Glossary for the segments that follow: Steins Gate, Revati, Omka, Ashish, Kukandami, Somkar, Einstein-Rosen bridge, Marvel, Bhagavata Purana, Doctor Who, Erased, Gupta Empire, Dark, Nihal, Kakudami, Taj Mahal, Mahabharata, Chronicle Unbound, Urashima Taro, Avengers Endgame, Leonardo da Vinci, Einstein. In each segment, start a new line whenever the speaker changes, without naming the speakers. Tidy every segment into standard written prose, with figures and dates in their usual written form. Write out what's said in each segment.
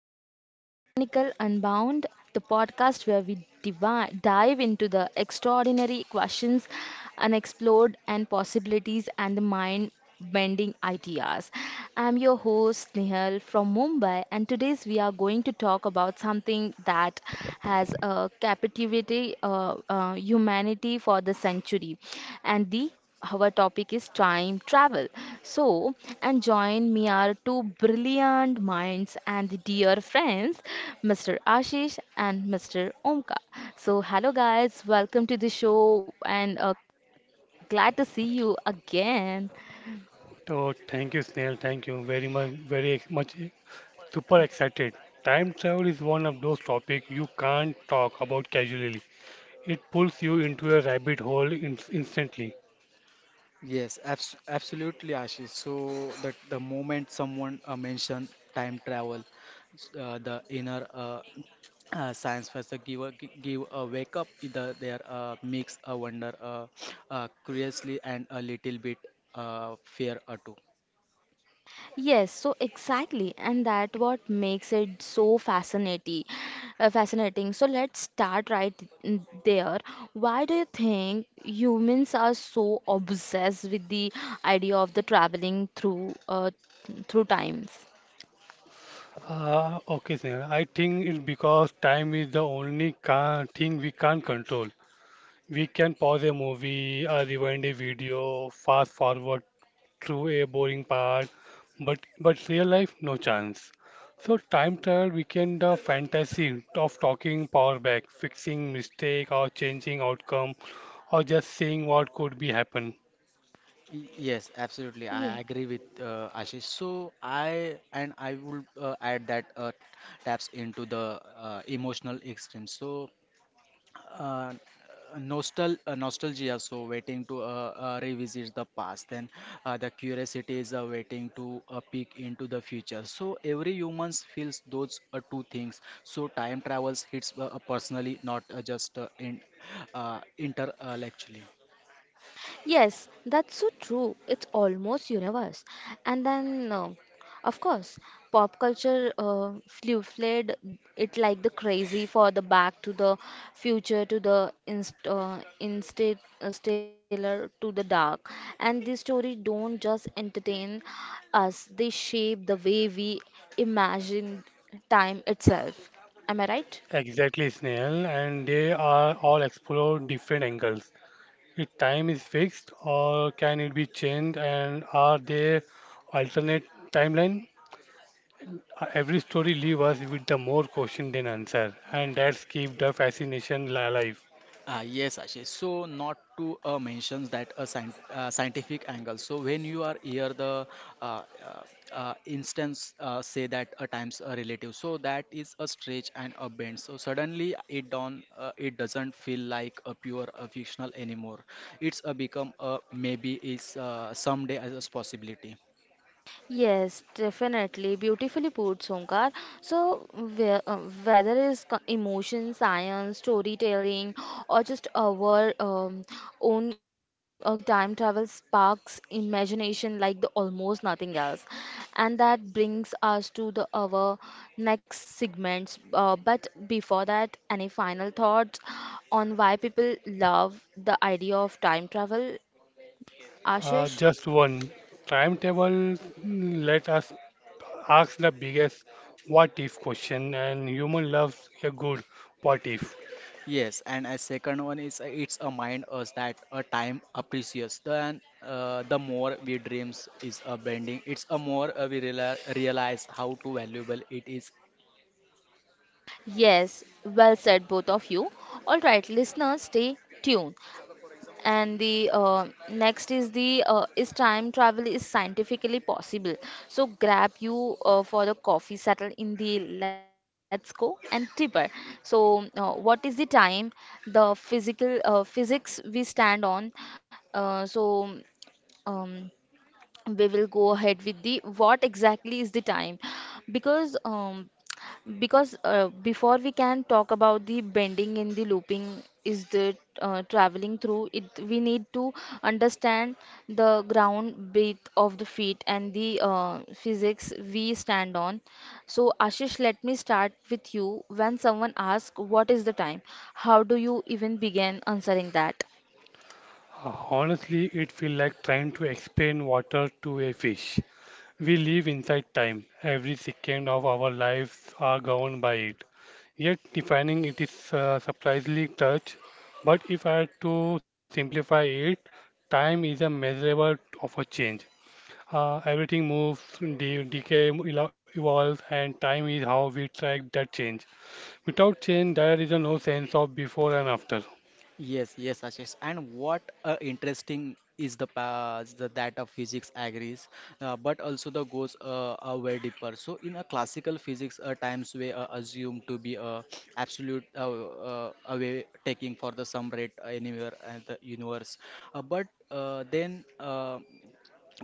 back to Chronicle Unbound, the podcast where we dive into the extraordinary questions, unexplored, and possibilities, and the mind bending ideas. I'm your host, Nihal from Mumbai, and today's we are going to talk about something that has captivated humanity for the century and the our topic is time travel. So, and join me are two brilliant minds and dear friends, Mr. Ashish and Mr. Omka. So, hello guys, welcome to the show and glad to see you again.
Oh, thank you, Snail. Thank you very much. Very ex- much e- Super excited. Time travel is one of those topics you can't talk about casually. It pulls you into a rabbit hole in instantly.
Absolutely, Ashish. So that the moment someone mentioned time travel, the inner science faster give a, give a wake up either their makes a wonder curiously and a little bit fear too.
Yes, so exactly, and that what makes it so fascinating. Fascinating. So let's start right there. Why do you think humans are so obsessed with the idea of the traveling through through times?
Okay, Snail. I think it's because time is the only ca thing we can't control. We can pause a movie, rewind a video, fast forward True, a boring part, but real life, no chance. So time travel became the fantasy of talking power back, fixing mistake or changing outcome, or just seeing what could be happen.
Yes, absolutely.
Yeah.
I agree with Ashish. I would add that taps into the emotional extreme. So uh, nostalgia so waiting to revisit the past then the curiosity is waiting to peek into the future. So every humans feels those two things, so time travels hits personally, not just in intellectually.
Yes, that's so true. It's almost universe. And then, of course, pop culture flew fled it like the crazy for the back to the future to the inst instate stellar to the dark. And these stories don't just entertain us; they shape the way we imagine time itself. Am I right?
Exactly, Snail, and they are all explore different angles. If time is fixed, or can it be changed, and are there alternate timeline? Every story leaves us with the more question than answer, and that's keep the fascination alive.
Yes, Ashish. So, not to mention that a scientific angle. So, when you are here, the uh, uh, instance say that a times a relative. So that is a stretch and a bend. So suddenly it doesn't feel like a pure a fictional anymore. It's a become a maybe is someday as a possibility.
Yes, definitely. Beautifully put, Somkar. So, whether it's emotion, science, storytelling, or just our own curiosity, time travel sparks imagination like the almost nothing else. And that brings us to the our next segments. But before that, any final thoughts on why people love the idea of time travel, Ashish?
Just one. Timetable, mm, let us ask the biggest what if question, and human loves a good what if.
Yes, and a second one is it's a mind us that a time appreciates, precious. Then the more we dreams is a bending. It's a more we realize how to valuable it is.
Yes, well said, both of you. All right, listeners, stay tuned. And the next is the is time travel is scientifically possible. So grab you for the coffee, settle in the let's go and tipper. So what is the time? The physical physics we stand on. Uh, so um, we will go ahead with the what exactly is the time because um because before we can talk about the bending and the looping is the traveling through it we need to understand the ground beat of the feet and the physics we stand on. So Ashish, let me start with you. When someone asks what is the time, how do you even begin answering that?
Honestly, it feels like trying to explain water to a fish. We live inside time. Every second of our lives are governed by it. Yet defining it is surprisingly touch. But if I had to simplify it, time is a measurable of a change. Everything moves, evolves, and time is how we track that change. Without change, there is a no sense of before and after.
Yes, yes, Ashish. And what interesting is the past the, that of physics agrees, but also the goes way deeper. So in a classical physics, times we assume to be a absolute away taking for the sum rate anywhere in the universe, but then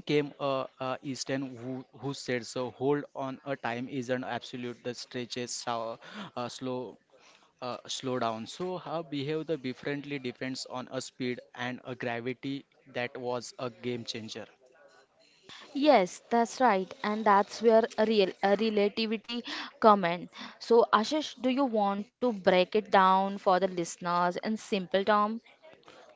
came Easton who said so. Hold on, a time isn't absolute. The stretches uh, slow slow down. So, how behave the differently depends on a speed and a gravity. That was a game changer.
Yes, that's right, and that's where a real a relativity come in. So, Ashish, do you want to break it down for the listeners in simple term?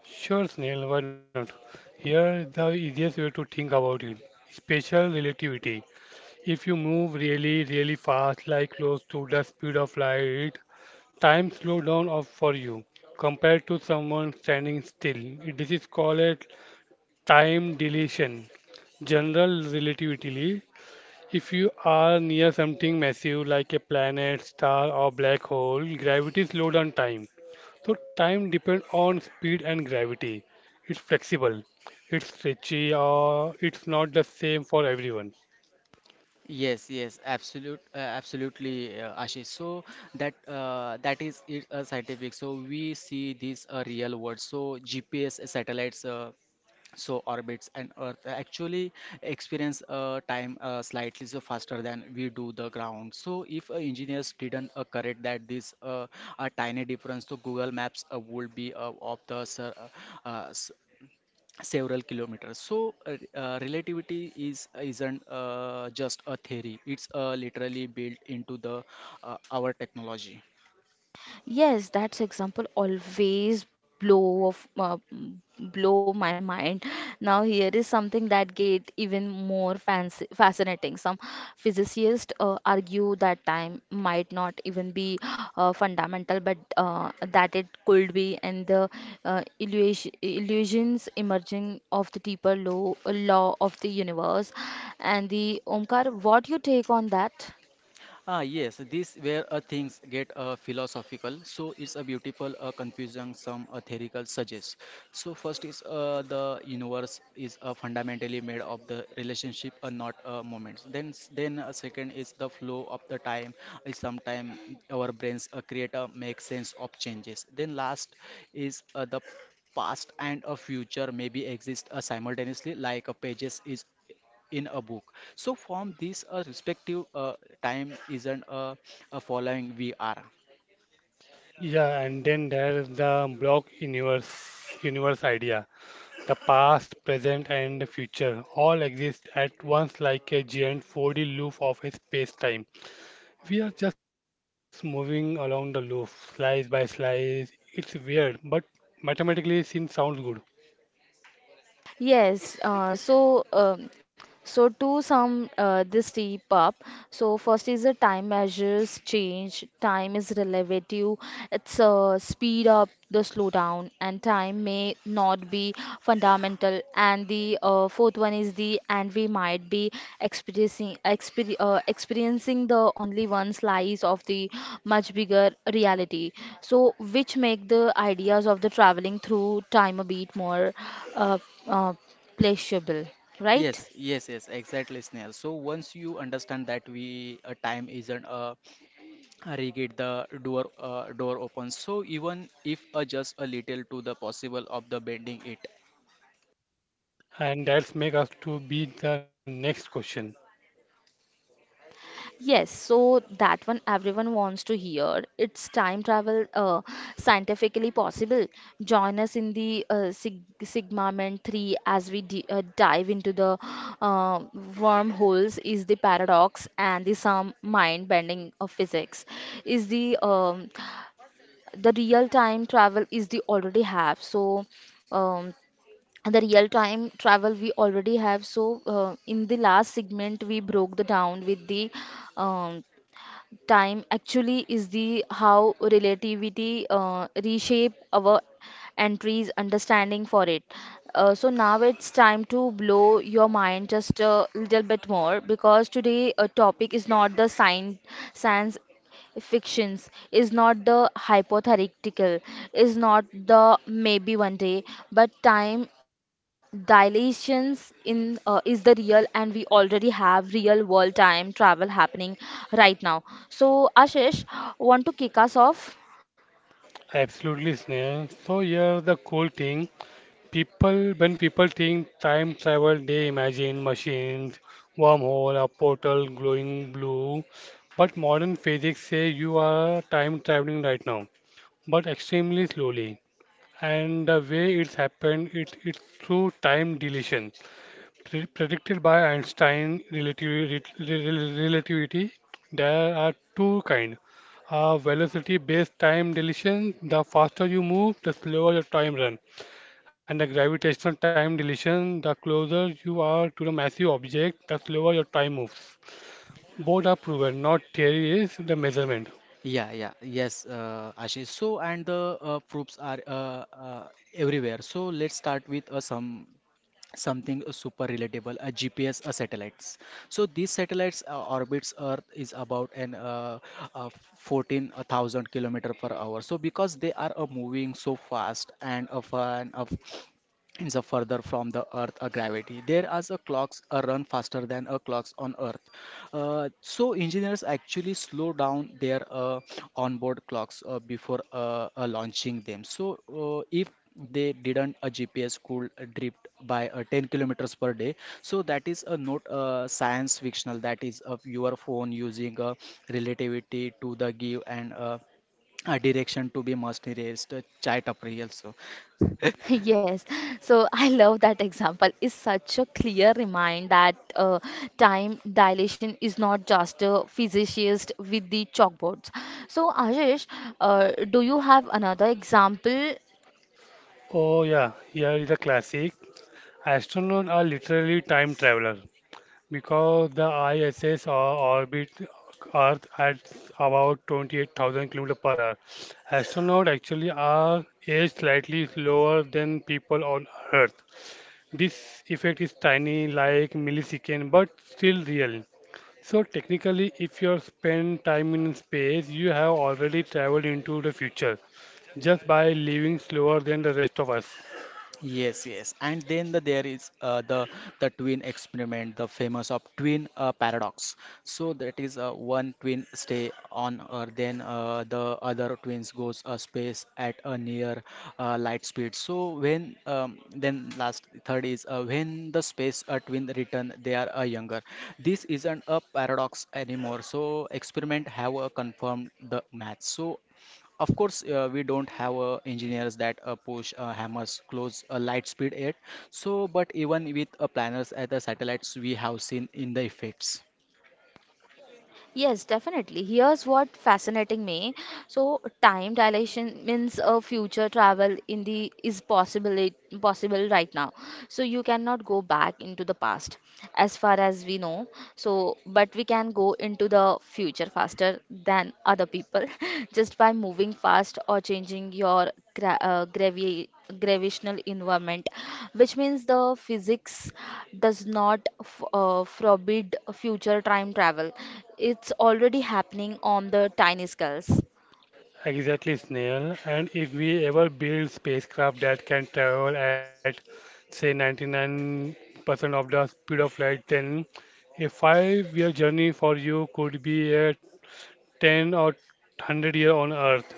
Sure, Snail, why not? Here is the easiest way to think about it. Special relativity. If you move really, really fast, like close to the speed of light, time slow down off for you compared to someone standing still. This is called a time dilation. General relativity. If you are near something massive like a planet, star, or black hole, gravity slows down time. So time depends on speed and gravity. It's flexible, it's stretchy, or it's not the same for everyone.
Absolutely, Ashish. So that that is it, scientific. So we see this real world. So GPS satellites so orbits and earth actually experience time slightly so faster than we do the ground. So if engineers didn't correct that, this a tiny difference to Google Maps would be of the ser- s- several kilometers. So relativity is isn't just a theory, it's literally built into the our technology.
Yes, that's example always blow of uh, m- blow my mind. Now here is something that get even more fancy, fascinating. Some physicists argue that time might not even be fundamental, but that it could be, and the illusions emerging of the deeper law of the universe. And the Omkar, what you take on that?
Ah, yes, this where things get philosophical. So it's a beautiful confusion some theoretical suggests. So first is the universe is fundamentally made of the relationship and not moments. Then second is the flow of the time. Is sometime our brains create a make sense of changes. Then last is the past and a future maybe exist simultaneously like a pages is in a book. So from this perspective, time isn't a following we are.
Yeah, and then there's the block universe idea. The past, present, and the future all exist at once like a giant 4D loop of a space-time. We are just moving along the loop, slice by slice. It's weird, but mathematically sin sounds good.
Yes. So to sum this deep up, so first is the time measures change. Time is relative. It's a speed up, the slowdown, and time may not be fundamental. And the fourth one is the and we might be experiencing the only one slice of the much bigger reality. So which make the ideas of the traveling through time a bit more uh, uh, pleasurable, right?
Yes, yes, yes, exactly, Snail. So once you understand that we time isn't a rigid, the door opens. So even if just a little to the possible of the bending it.
And that's make us to beat the next question.
Yes, so that one everyone wants to hear. It's time travel scientifically possible. Join us in the Sig Sigma 3 as we di dive into the uh, wormholes is the paradox and the some mind bending of physics is the real time travel is the already have. So um, the real time travel we already have. So in the last segment we broke the down with the um, time actually is the how relativity reshape our entries understanding for it. So now it's time to blow your mind just a little bit more, because today a topic is not the science fictions, is not the hypothetical, is not the maybe one day, but time dilations in is the real and we already have real world time travel happening right now. So Ashish, want to kick us off?
Absolutely, Sneha. So here the cool thing. When people think time travel, they imagine machines, wormhole, a portal glowing blue. But modern physics say you are time traveling right now, but extremely slowly. And the way it's happened, it's through time deletion. Predicted by Einstein relativity, there are two kinds. Velocity-based time dilation, the faster you move, the slower your time run. And the gravitational time dilation, the closer you are to the massive object, the slower your time moves. Both are proven, not theory is the measurement.
Yeah, yes, Ashish. So and the proofs are everywhere. So let's start with something super relatable, a GPS a satellites. So these satellites orbits earth is about an uh, 14,000 kilometer per hour. So because they are moving so fast and of an of is a further from the earth a gravity, there as a clocks a run faster than a clocks on earth. So engineers actually slow down their onboard clocks before launching them. So if they didn't, a GPS could drift by 10 kilometers per day. So that is a not science fictional, that is of your phone using a relativity to the give and a direction to be must erased chart up also.
Yes, so I love that example. It's such a clear reminder that time dilation is not just a physicist with the chalkboards. So, Ashish, do you have another example?
Oh yeah, here is a classic. Astronauts are literally time travelers. Because the ISS orbits Earth at about 28,000 km per hour, astronauts actually are aged slightly slower than people on Earth. This effect is tiny, like millisecond, but still real. So technically, if you spend time in space, you have already traveled into the future just by living slower than the rest of us.
Yes, yes. And then the, there is the twin experiment, the famous of twin paradox. So that is one twin stay on Earth, then the other twins goes space at a near light speed. So when then last third is when the space twin return, they are younger. This isn't a paradox anymore. So experiment have confirmed the math. So of course, we don't have engineers that push hammers close light speed yet. So, but even with planners at the satellites, we have seen in the effects.
Yes, definitely. Here's what fascinating me. So, time dilation means a future travel in the is possible right now. So you cannot go back into the past, as far as we know. So but we can go into the future faster than other people just by moving fast or changing your gravitational environment, which means the physics does not forbid future time travel. It's already happening on the tiny scales.
Exactly, Snail. And if we ever build spacecraft that can travel at, say, 99% of the speed of light, then a five-year journey for you could be a 10 or 100 year on Earth.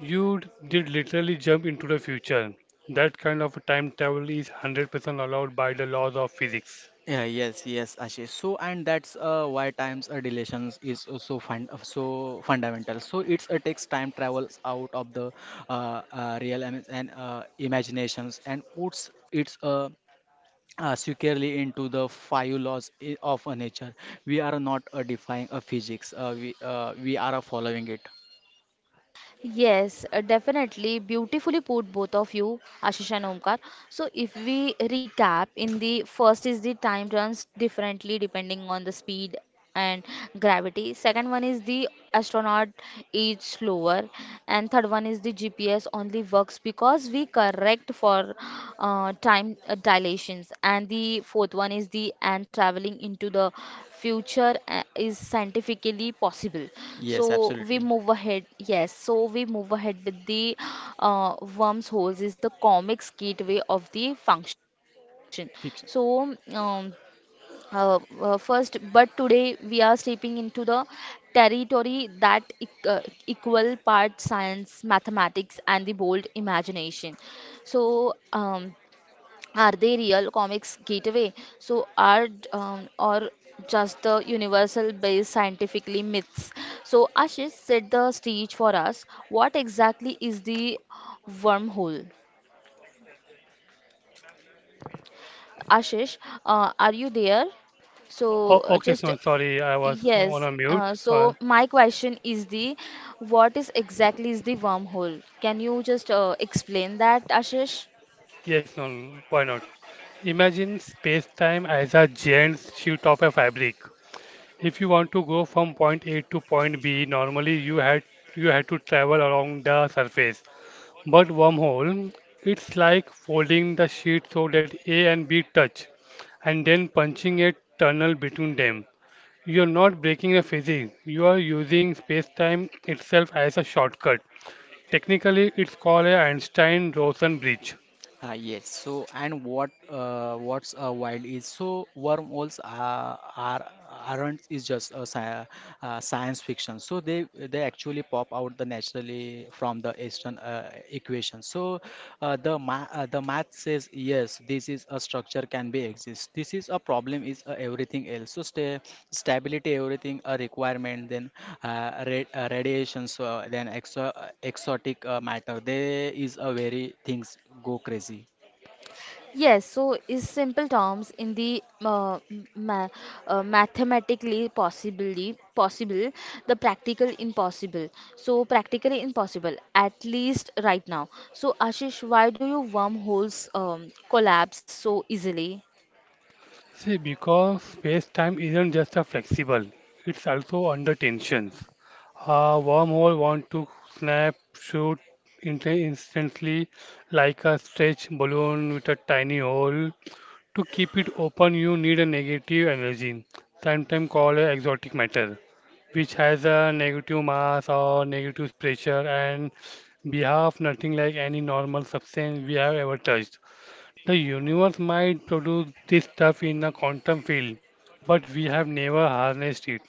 You did literally jump into the future. That kind of time travel is 100% allowed by the laws of physics.
Yeah, yes, Ashish. So, and that's why time's dilations is so fundamental. So, it's takes time travels out of the real im- and imaginations and puts its securely into the five laws of a nature. We are not defying a physics. We are following it.
Yes, definitely. Beautifully put, both of you, Ashish and Omkar. So, if we recap, in the first is the time runs differently depending on the speed and gravity. Second one is the astronaut is slower, and third one is the GPS only works because we correct for time dilations. And the fourth one is the and traveling into the future is scientifically possible.
Yes,
So we
absolutely.
move ahead. Yes, so we move ahead with the wormholes is the comics gateway of the function. So
Fiction.
first, but today we are stepping into the territory that equal part science, mathematics, and the bold imagination. So, are they real comics gateway? So, are or just the universal based scientifically myths? So, Ashish, set the stage for us. What exactly is the wormhole? Ashish, are you there? So
Oh, okay,
just
Snail. Sorry, I was on
yes,
a mute. So.
so my question is the what is exactly is the wormhole? Can you just explain that, Ashish?
Yes, no, no, no, why not? Imagine space-time as a giant sheet of a fabric. If you want to go from point A to point B, normally you had to travel along the surface. But wormhole, it's like folding the sheet so that A and B touch, and then punching a tunnel between them. You're not breaking the physics. You are using space-time itself as a shortcut. Technically, it's called a Einstein-Rosen bridge.
Yes. So and what what's wild is so wormholes are, aren't is just a science fiction. So they actually pop out the naturally from the eastern equation. So the ma the math says yes, this is a structure can be exist. This is a problem is a everything else so stay stability everything a requirement, then radiation, so then exotic matter, there is a very things go crazy.
Yes, so is simple terms in the ma mathematically possibly possible, the practical impossible. So practically impossible, at least right now. So Ashish, why do you wormholes collapse so easily?
See, because space-time isn't just a flexible, it's also under tensions. A wormhole want to snap, shoot instantly like a stretch balloon with a tiny hole. To keep it open, you need a negative energy, sometimes called a exotic matter, which has a negative mass or negative pressure and behave nothing like any normal substance we have ever touched. The universe might produce this stuff in a quantum field, but we have never harnessed it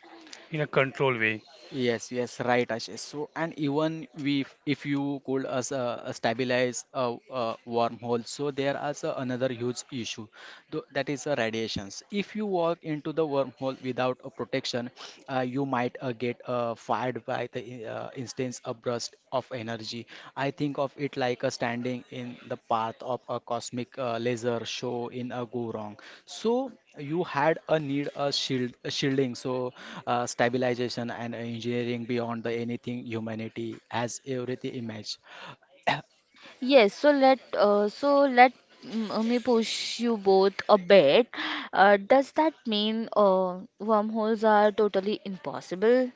in a controlled way.
Yes, yes, right, Ashish. So, and even we, if you could as a stabilize a wormhole, so there is a, another huge issue, that is the radiations. If you walk into the wormhole without a protection, you might get fired by the instance a burst of energy. I think of it like a standing in the path of a cosmic laser show in a go wrong. So you had a need a shielding so stabilization and engineering beyond the anything humanity has everything image.
Yes, so let me push you both a bit. Does that mean wormholes are totally impossible?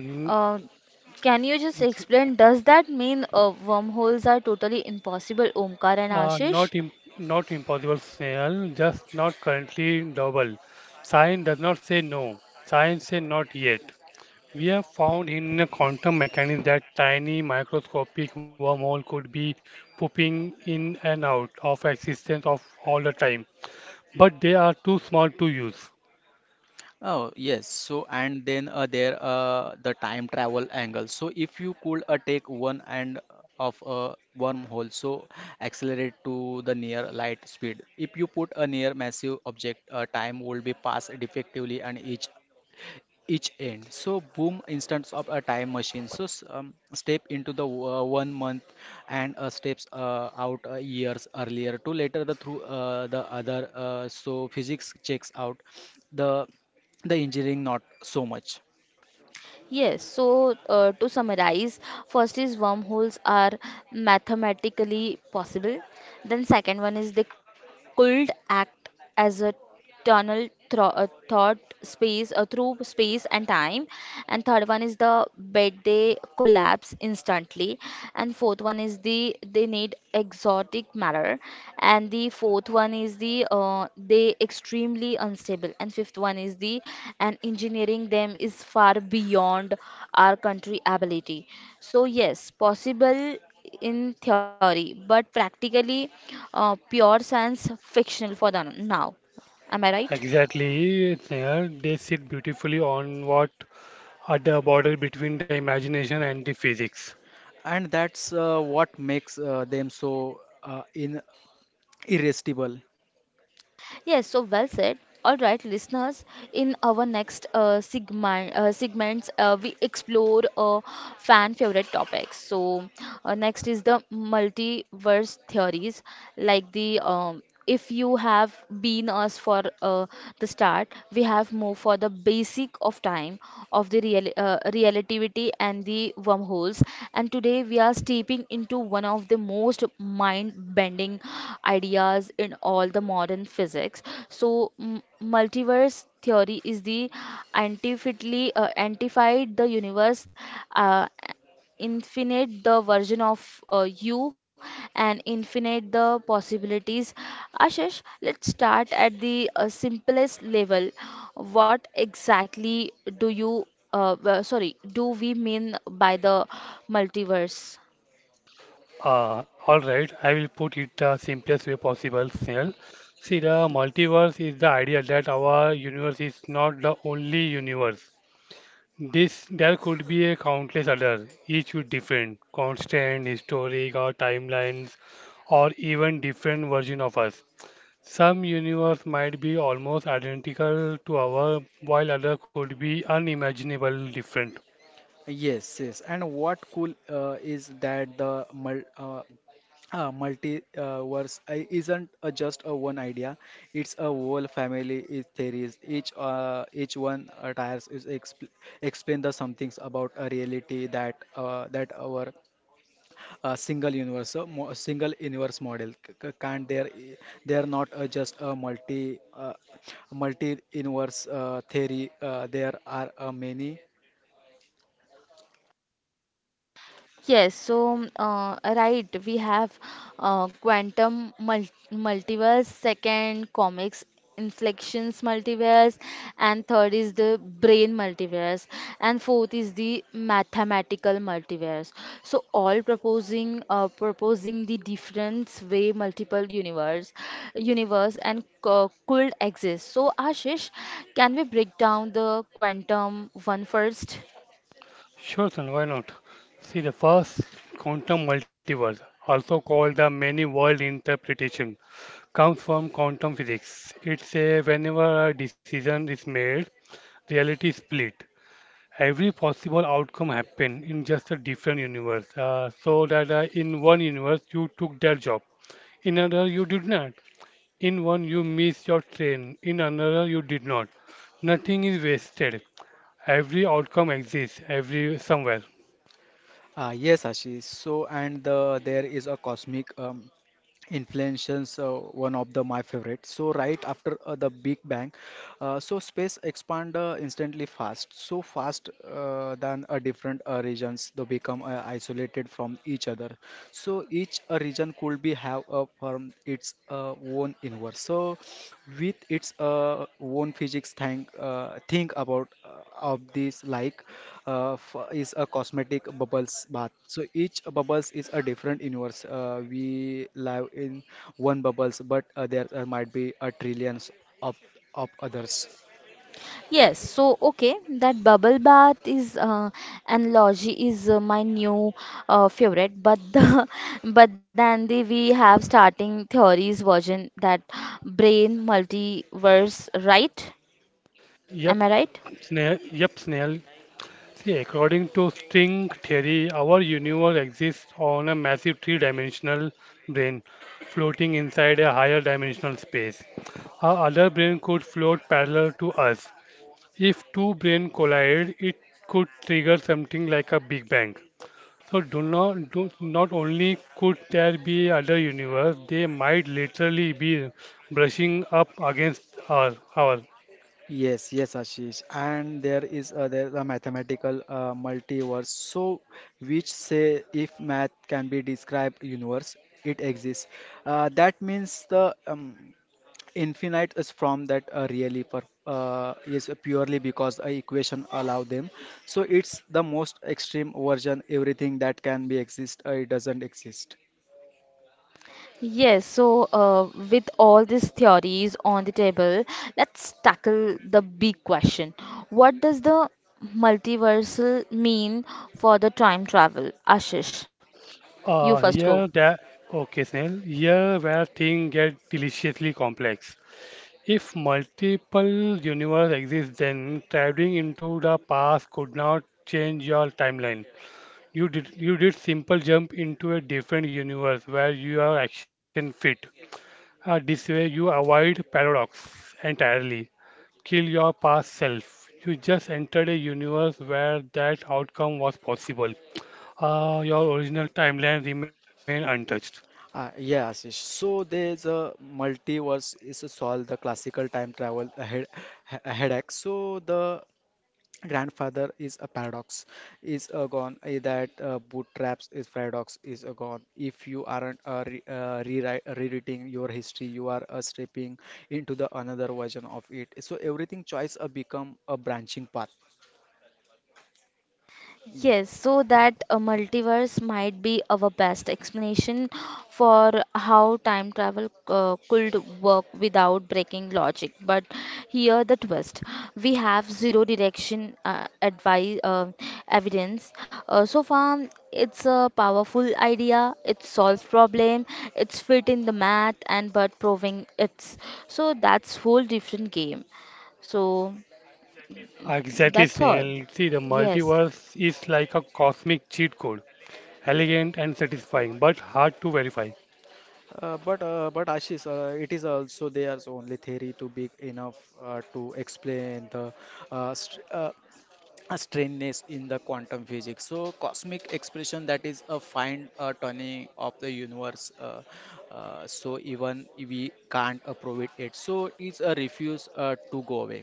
N-
Uh, can you just
s-
explain? Does that mean wormholes are totally impossible, Omkar and
uh,
Ashish?
not im- Not impossible, Snehal, just not currently double. Science does not say no. Science say not yet. We have found in a quantum mechanism that tiny microscopic wormhole could be popping in and out of existence of all the time, but they are too small to use.
Oh yes, so and then the time travel angle. So if you could take one end of a wormhole, so accelerate to the near light speed, if you put a near massive object, time will be passed defectively and each end. So boom, instance of a time machine. So step into the 1 month and steps out years earlier to later the through the other. So physics checks out, the engineering not so much,
Yes, so to summarize, first is wormholes are mathematically possible. Then second one is they could act as a tunnel thro thought space through space and time. And third one is the bed they collapse instantly. And fourth one is the they need exotic matter, and the fourth one is the they extremely unstable, and fifth one is the and engineering them is far beyond our country ability. So yes, possible in theory, but practically pure science fictional for the now. Am I right?
Exactly, Sneha. They sit beautifully on what at the border between the imagination and the physics.
and that's what makes them so in irresistible.
Yes, so well said. All right, listeners, in our next segments, we explore fan favorite topics. So, next is the multiverse theories, like the if you have been us for the start, we have moved for the basic physics of time, of the relativity and the wormholes. And today we are stepping into one of the most mind-bending ideas in all the modern physics. So, m- multiverse theory is the antified the universe. Uh, Infinite the version of you and infinite the possibilities. Ashish, let's start at the simplest level. What exactly do do we mean by the multiverse?
All right, I will put it the simplest way possible, Snail. See, the multiverse is the idea that our universe is not the only universe. This There could be a countless others, each with different, constant, historic, or timelines, or even different version of us. Some universe might be almost identical to ours, while other could be unimaginably different.
Yes, yes. And what cool is that the multiverse isn't just a one idea. It's a whole family is theories. Each one tires is explain the somethings about a reality that our single universe model can't. They're not just a multi multi universe theory. There are many.
Yes, so right, we have quantum multiverse, second comics inflections multiverse, and third is the brain multiverse, and fourth is the mathematical multiverse. So all proposing the different way multiple universe and co could exist. So Ashish, can we break down the quantum one first?
Sure, son, why not? See, the first quantum multiverse, also called the many world interpretation, comes from quantum physics. It says whenever a decision is made, reality is split. Every possible outcome happen in just a different universe. So that In one universe you took that job, in another you did not. In one you miss your train, in another you did not. Nothing is wasted. Every outcome exists every somewhere.
Yes, Ashish. So, and the, there is a cosmic inflations one of the my favorite. So right after the big bang, so space expand instantly fast, so fast than different regions they become isolated from each other. So each region could be have from its own universe, so with its own physics. Think think about of this like is a cosmetic bubbles bath. So each bubbles is a different universe. We live in one bubbles, but there might be a trillions of of others.
Yes, so okay, that bubble bath is analogy is my new favorite, but the but then the we have starting theories version that brain multiverse, right?
Yep,
Am I right?
Yep, Snail. See, according to string theory, our universe exists on a massive three-dimensional brain floating inside a higher dimensional space. Our other brain could float parallel to us. If two brains collide, it could trigger something like a Big Bang. So do not only could there be other universe, they might literally be brushing up against our.
Yes, yes, Ashish. And there is a mathematical multiverse. So, which say if math can be described universe, it exists. That means the infinite is from that really is purely because a equation allow them. So it's the most extreme version everything that can be exist, it doesn't exist.
Yes, so with all these theories on the table, let's tackle the big question. What does the multiversal mean for the time travel? Ashish, you first go.
Here that Okay, Snail. Here where things get deliciously complex. If multiple universe exist, then traveling into the past could not change your timeline. You did simple jump into a different universe where your action fit. This way, you avoid paradox entirely. Kill your past self. You just entered a universe where that outcome was possible. Your original timeline remained untouched.
Yeah, Ashish. So there's a multiverse is to solve the classical time travel head, headache. So the grandfather is a paradox is a gone. That bootstraps is paradox is a gone. If you aren't rewriting your history, you are stepping into the another version of it. So everything choice become a branching path, yeah.
Yes, so that a multiverse might be our best explanation for how time travel could work without breaking logic. But here the twist: we have zero direction advice evidence. So far, it's a powerful idea. It solves problem. It's fit in the math, and but proving it's so that's whole different game. So
Exactly, Snail.
that's
See, the
all.
multiverse
Yes.
is like a cosmic cheat code. Elegant and satisfying, but hard to verify.
But Ashish, it is also there's only theory to be enough to explain the str a strangeness in the quantum physics, so cosmic expression that is a fine turning of the universe. So even we can't approve it yet, so it's a refuse to go away.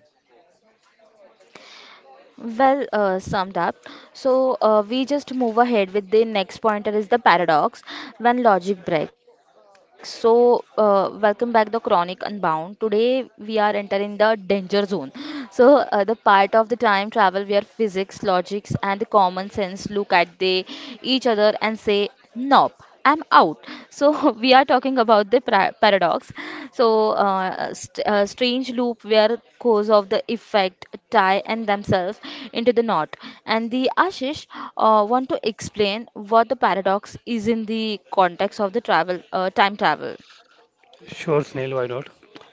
Well summed up. So we just move ahead with the next pointer is the paradox when logic breaks. So welcome back the Chronic Unbound. Today we are entering the danger zone. So the part of the time travel where physics, logics, and the common sense look at the each other and say nope. I'm out. So we are talking about the paradox. So strange loop where cause of the effect tie and themselves into the knot. And the Ashish want to explain what the paradox is in the context of the travel time travel.
Sure, Snail, why not?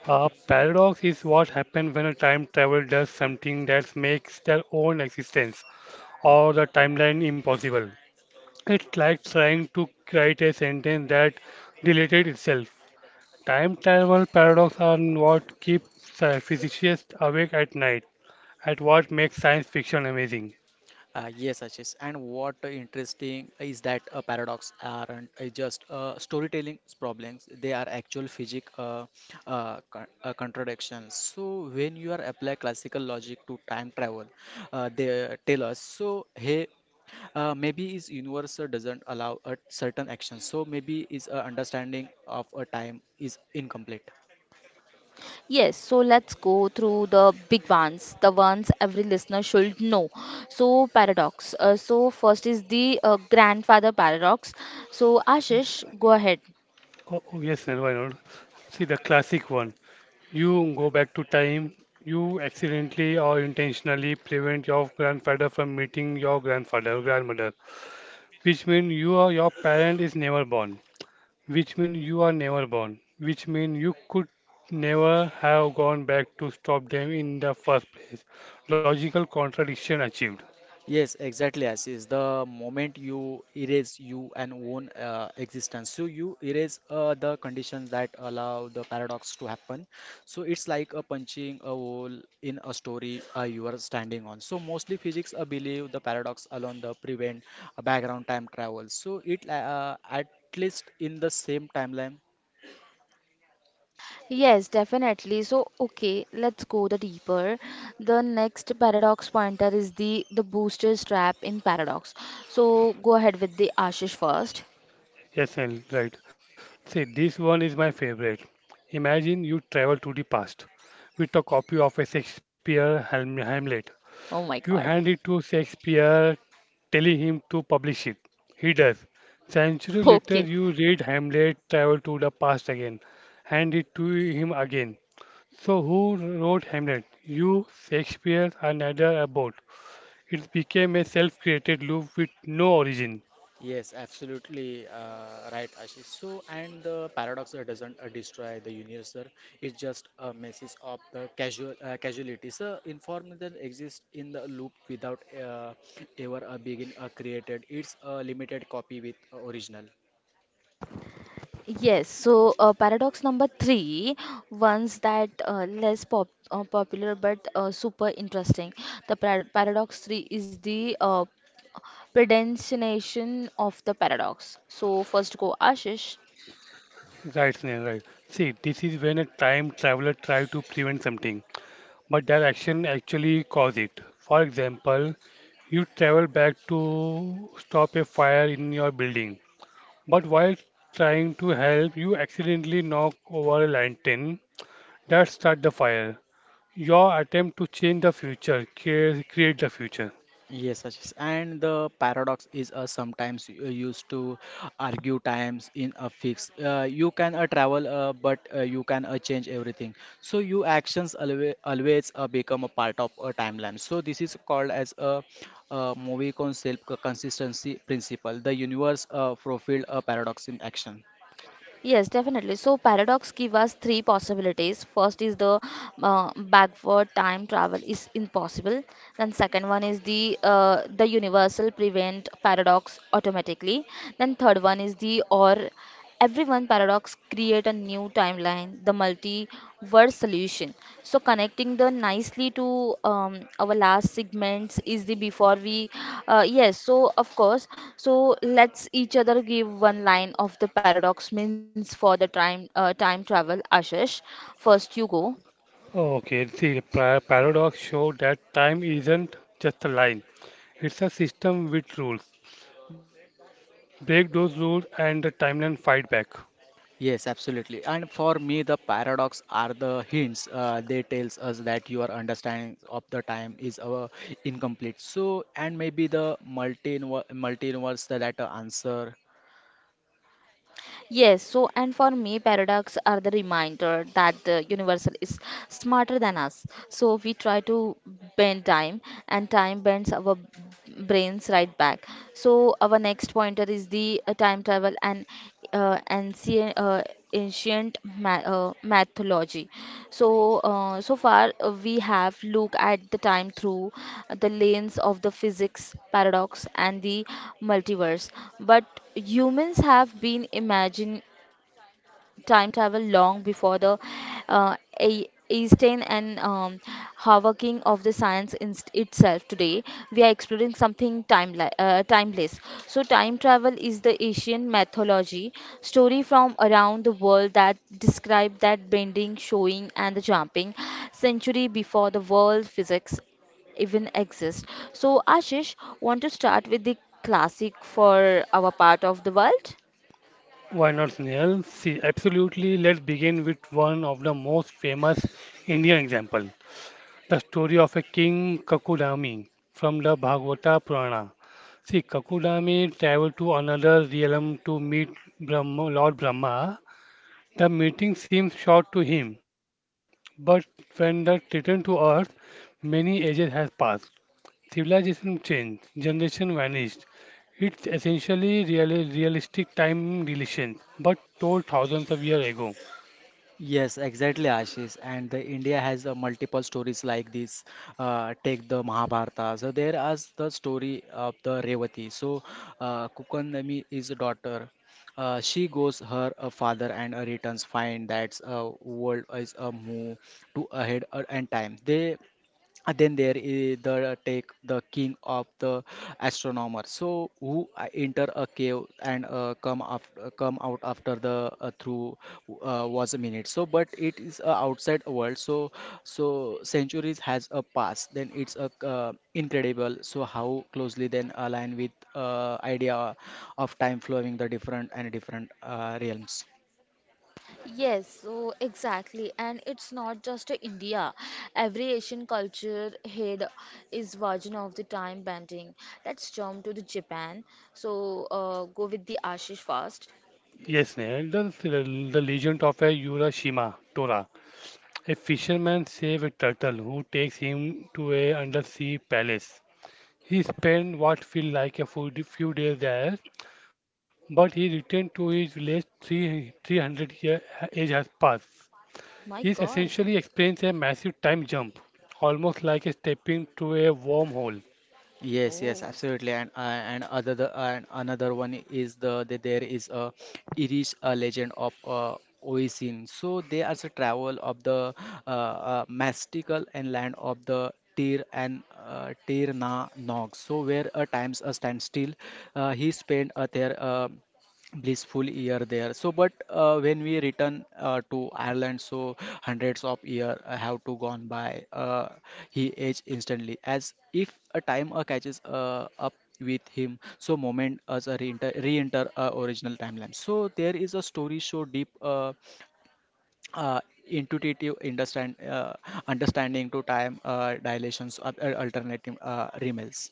A paradox is what happens when a time traveler does something that makes their own existence or the timeline impossible. It's like trying to write a sentence that deleted itself. Time travel paradox are what keep physicists awake at night, at what makes science fiction amazing.
Yes, Ashish, and what interesting is that a paradox aren't just storytelling problems. They are actual physics contradictions. So when you are apply classical logic to time travel, they tell us, so hey, maybe is universe doesn't allow a certain action, so maybe is a understanding of a time is incomplete.
Yes, so let's go through the big ones, the ones every listener should know. So, paradox. So, first is the grandfather paradox. So, Ashish, go ahead.
Oh, oh yes, Nirva, I know. See the classic one. You go back to time, you accidentally or intentionally prevent your grandfather from meeting your grandfather, grandmother, which means you or your parent is never born, which mean you are never born, which mean you could never have gone back to stop them in the first place. Logical contradiction achieved.
Yes, exactly. As is the moment you erase you and own existence, so you erase the conditions that allow the paradox to happen. So it's like a punching a hole in a story you are standing on. So mostly physics believe the paradox alone the prevent a background time travel, so it, at least in the same timeline.
Yes, definitely. So, okay, let's go the deeper. The next paradox pointer is the booster trap in paradox. So, go ahead with the Ashish first.
Yes, and right. See, this one is my favorite. Imagine you travel to the past with a copy of a Shakespeare Hamlet.
Oh my
You
god.
hand it to Shakespeare, telling him to publish it. He does. Century later,
Okay.
you read Hamlet, travel to the past again, hand it to him again. So who wrote Hamlet? You, Shakespeare, and neither about? It became a self-created loop with no origin.
Yes, absolutely right, Ashish. So, and the paradox doesn't destroy the universe, sir. It just messes up the casual casualties. The information exists in the loop without ever being created. It's a limited copy with original.
Yes, so paradox number three, ones that less popular but super interesting. The paradox three is the predestination of the paradox. So, first go Ashish.
Right, Snail, right. See, this is when a time traveler tries to prevent something, but their action actually cause it. For example, you travel back to stop a fire in your building, but while trying to help, you accidentally knock over a lantern that start the fire. Your attempt to change the future, create the future.
Yes, Ashish. And the paradox is sometimes used to argue times in a fix. You can travel, but you can change everything. So your actions always, always become a part of a timeline. So this is called as a movie concept consistency principle. The universe profiled a paradox in action.
Yes, definitely. So paradox give us three possibilities. First is the backward time travel is impossible. Then second one is the universal prevent paradox automatically. Then third one is the or everyone paradox create a new timeline, the multiverse solution. So connecting the nicely to our last segments is the before we, yes. So of course so let's each other give one line of the paradox means for the time travel. Ashish, first you go.
Okay, see, the paradox show that time isn't just a line. It's a system with rules. Break those rules and the timeline fight back.
Yes, absolutely. And for me, the paradox are the hints. They tells us that your understanding of the time is incomplete. So, and maybe the multiverse that answer.
Yes, so and for me, paradox are the reminder that the universal is smarter than us. So we try to bend time, and time bends our brains right back. So our next pointer is the time travel and ancient mythology. So far we have looked at the time through the lens of the physics paradox and the multiverse, but humans have been imagining time travel long before the uh, E- Einstein and Hawking of the science in itself. Today, we are exploring something timeless. So, time travel is the Asian mythology story from around the world that describe that bending, showing, and the jumping century before the world physics even exist. So, Ashish, want to start with the classic for our part of the world?
Why not, Snail? See, absolutely, let's begin with one of the most famous Indian example, the story of a king Kakudami from the Bhagavata Purana. See, Kakudami traveled to another realm to meet Lord Brahma. The meeting seems short to him, but when they return to Earth, many ages have passed. Civilization changed, generation vanished. It's essentially realistic time relations, but told thousands of years ago.
Yes, exactly, Ashish. And the India has multiple stories like this. Take the Mahabharata. So there is the story of the Revati. So Kukandami is a daughter. She goes her father and returns find that world is a move to ahead and time. They, then there is the, take the king of the astronomer, so who enter a cave and come out after the through was a minute. So but it is a outside world, so centuries has a past. Then it's a incredible, so how closely then align with idea of time flowing the different and different realms.
Yes, so exactly. And it's not just India. Every Asian culture head is version of the time bending. Let's jump to the Japan. So go with the Ashish first.
Yes, Nehal, the legend of a Urashima Tora. A fisherman saves a turtle who takes him to a undersea palace. He spent what feels like a few days there, but he returned to his village three 300-year age has passed. He's
My
essentially
God.
experienced a massive time jump, almost like a stepping through a wormhole.
Yes, yes,
Oh.
absolutely. And another one is the there is a Irish legend of Oisin. So they are the travel of the mystical and land of the Tir and Tyr na Nog. So where times stand still, he spent there. Blissful year there. So but when we return to Ireland, so hundreds of year have to gone by. Uh, he aged instantly as if a time catches up with him. So moment as a re-enter original timeline. So there is a story so deep, uh, intuitive understanding to time dilations or alternative remels.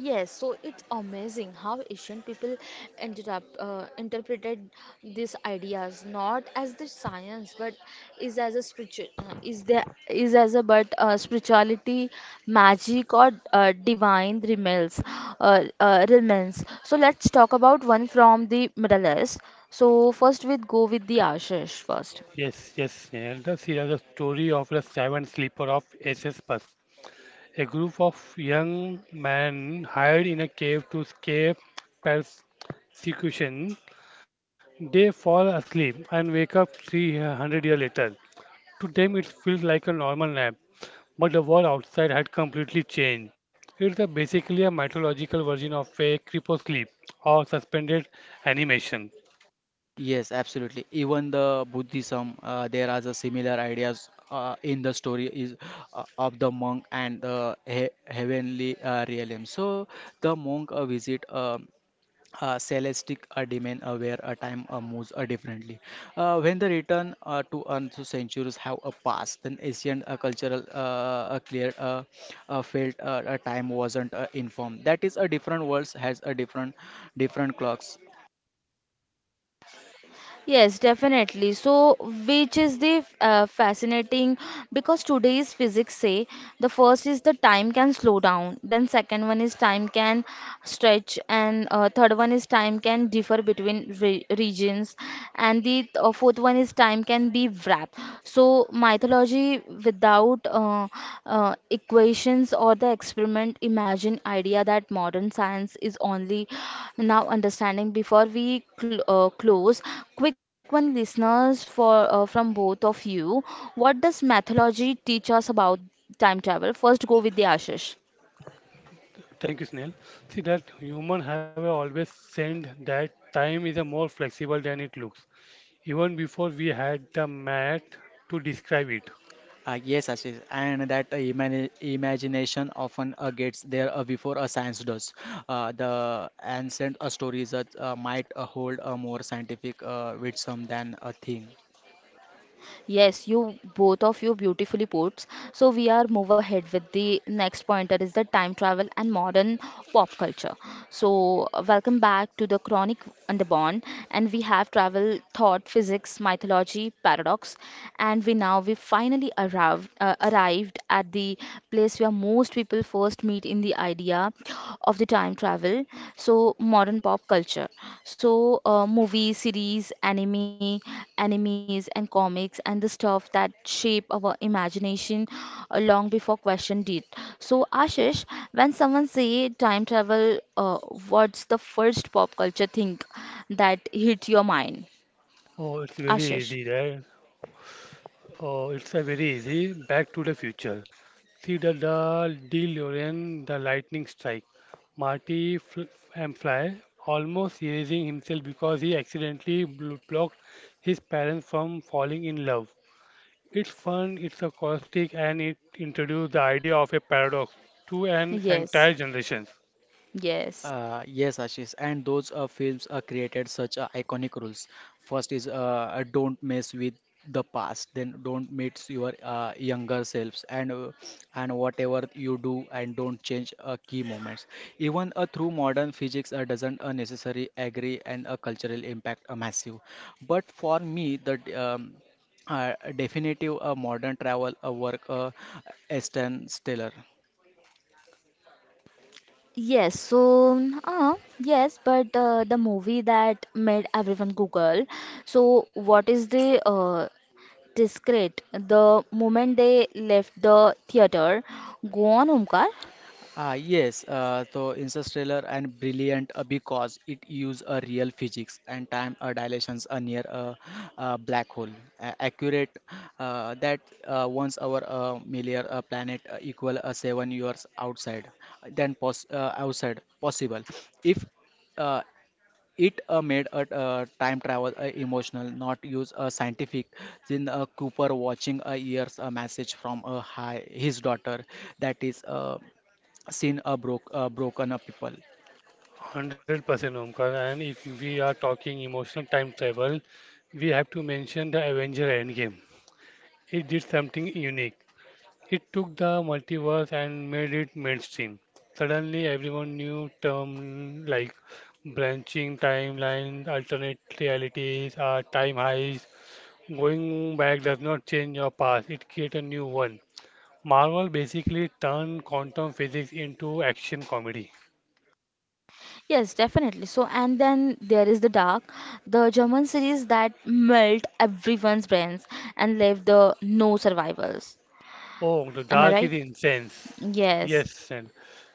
Yes, so it's amazing how Asian people ended up interpreted these ideas not as the science but is as a spiritual is there is as a but spirituality, magic or divine remains remains. So let's talk about one from the Middle East. So first we go with the Ashish first.
Yes, yes, Elders here is the story of the seven sleeper of SS Bus. A group of young men hide in a cave to escape persecution. They fall asleep and wake up 300 years later. To them, it feels like a normal nap, but the world outside had completely changed. It's a basically a mythological version of a creepsclip or suspended animation.
Yes, absolutely. Even the Buddhism, there are the similar ideas in the story is of the monk and the he heavenly realm. So the monk visit a celestial domain where a time moves differently. When the return to earth, so centuries have passed. Then ancient cultural clear felt time wasn't informed. That is a different worlds has a different clocks.
Yes, definitely. So, which is the fascinating because today's physics say the first is the time can slow down, then second one is time can stretch, and third one is time can differ between re regions, and the fourth one is time can be wrapped. So, mythology without equations or the experiment imagine idea that modern science is only now understanding before we close quick one, listeners, for from both of you. What does mythology teach us about time travel? First, go with the Ashish.
Thank you, Snail. See that human have always sensed that time is a more flexible than it looks, even before we had the math to describe it.
Yes, Ashish, and that imagination often gets there before a science does. The ancient stories might hold a more scientific wisdom than a thing.
Yes, you both of you beautifully puts. So we are move ahead with the next point that is the time travel and modern pop culture. So welcome back to the Chronic Underborn, and we have travel, thought, physics, mythology, paradox, and we now we finally arrived at the place where most people first meet in the idea of the time travel, so modern pop culture. So movies, series, animes and comics and the stuff that shape our imagination long before question did. So Ashish, when someone say time travel, uh, what's the first pop culture thing that hit your mind?
Oh, it's very
Ashish.
easy, right? Oh, it's a very easy. Back to the future. See the DeLorean, the lightning strike. Marty fl and Fly almost erasing himself because he accidentally blocked his parents from falling in love. It's fun, it's a caustic, and it introduced the idea of a paradox to an entire
Yes.
generation.
Yes.
Yes, Ashish, and those films created such iconic rules. First is don't mess with the past, then don't meet your younger selves, and whatever you do, and don't change key moments. Even through modern physics, doesn't necessarily agree, and a cultural impact massive. But for me, the definitive modern travel work Aston Stellar.
Yes, so, yes, but the movie that made everyone Google. So what is the discreet? The moment they left the theater, go on, Omkar.
Ah, yes, so Interstellar and brilliant because it use a real physics and time dilations near a black hole. Accurate that once our million planet equal 7 years outside than pos outside possible. If uh, it made a time travel emotional, not use a scientific. Then Cooper watching a year's a message from a high his daughter, that is. Seen a broken up people.
100% Omkar, and if we are talking emotional time travel, we have to mention the Avenger Endgame. It did something unique. It took the multiverse and made it mainstream. Suddenly, everyone knew terms like branching timelines, alternate realities, or time heist. Going back does not change your past, it creates a new one. Marvel basically turned quantum physics into action comedy.
Yes, definitely. So and then there is the Dark, the German series that melt everyone's brains and left the no survivors.
Oh, the
Am I
dark
right?
is incense.
Yes.
Yes, and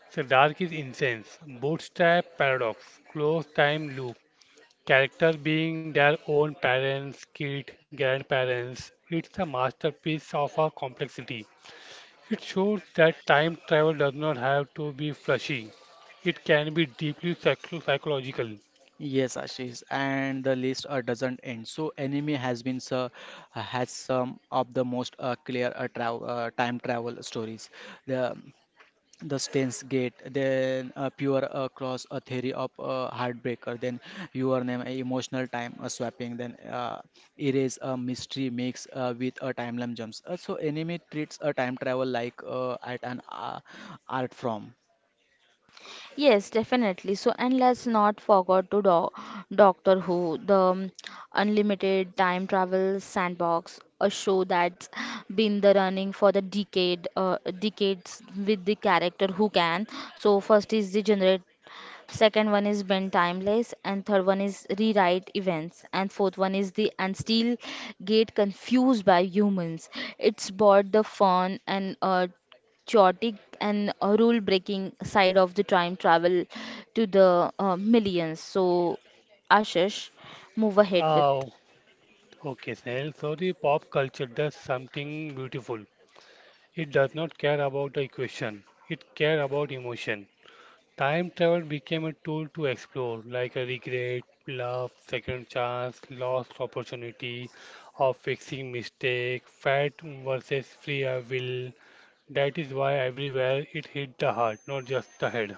so dark is incense. Bootstrap paradox, closed time loop, characters being their own parents, kid, grandparents, it's a masterpiece of our complexity. It shows that time travel does not have to be flashy. It can be deeply psychological.
Yes, Ashish, and the list doesn't end. So enemy has some of the most clear travel time travel stories, the the Stains Gate, then Pure Cross, a theory of Heartbreaker, then Your Name, a emotional time swapping, then Erase, a mystery mix with a timeline jumps. So, enemy treats a time travel like at an art form.
Yes, definitely. So, and let's not forget to do Doctor Who, the unlimited time travel sandbox, a show that's been the running for decades with the character who can. So, first is the generate, second one is bend timeless, and third one is rewrite events, and fourth one is the and still get confused by humans. It's bought the fun and chaotic and rule breaking side of the time travel to the millions. So, Ashish, move ahead with.
Oh, okay, Snell. So the pop culture does something beautiful. It does not care about the equation. It care about emotion. Time travel became a tool to explore, like a regret, love, second chance, lost opportunity, or fixing mistake, fat versus free will. That is why everywhere it hit the heart, not just the head.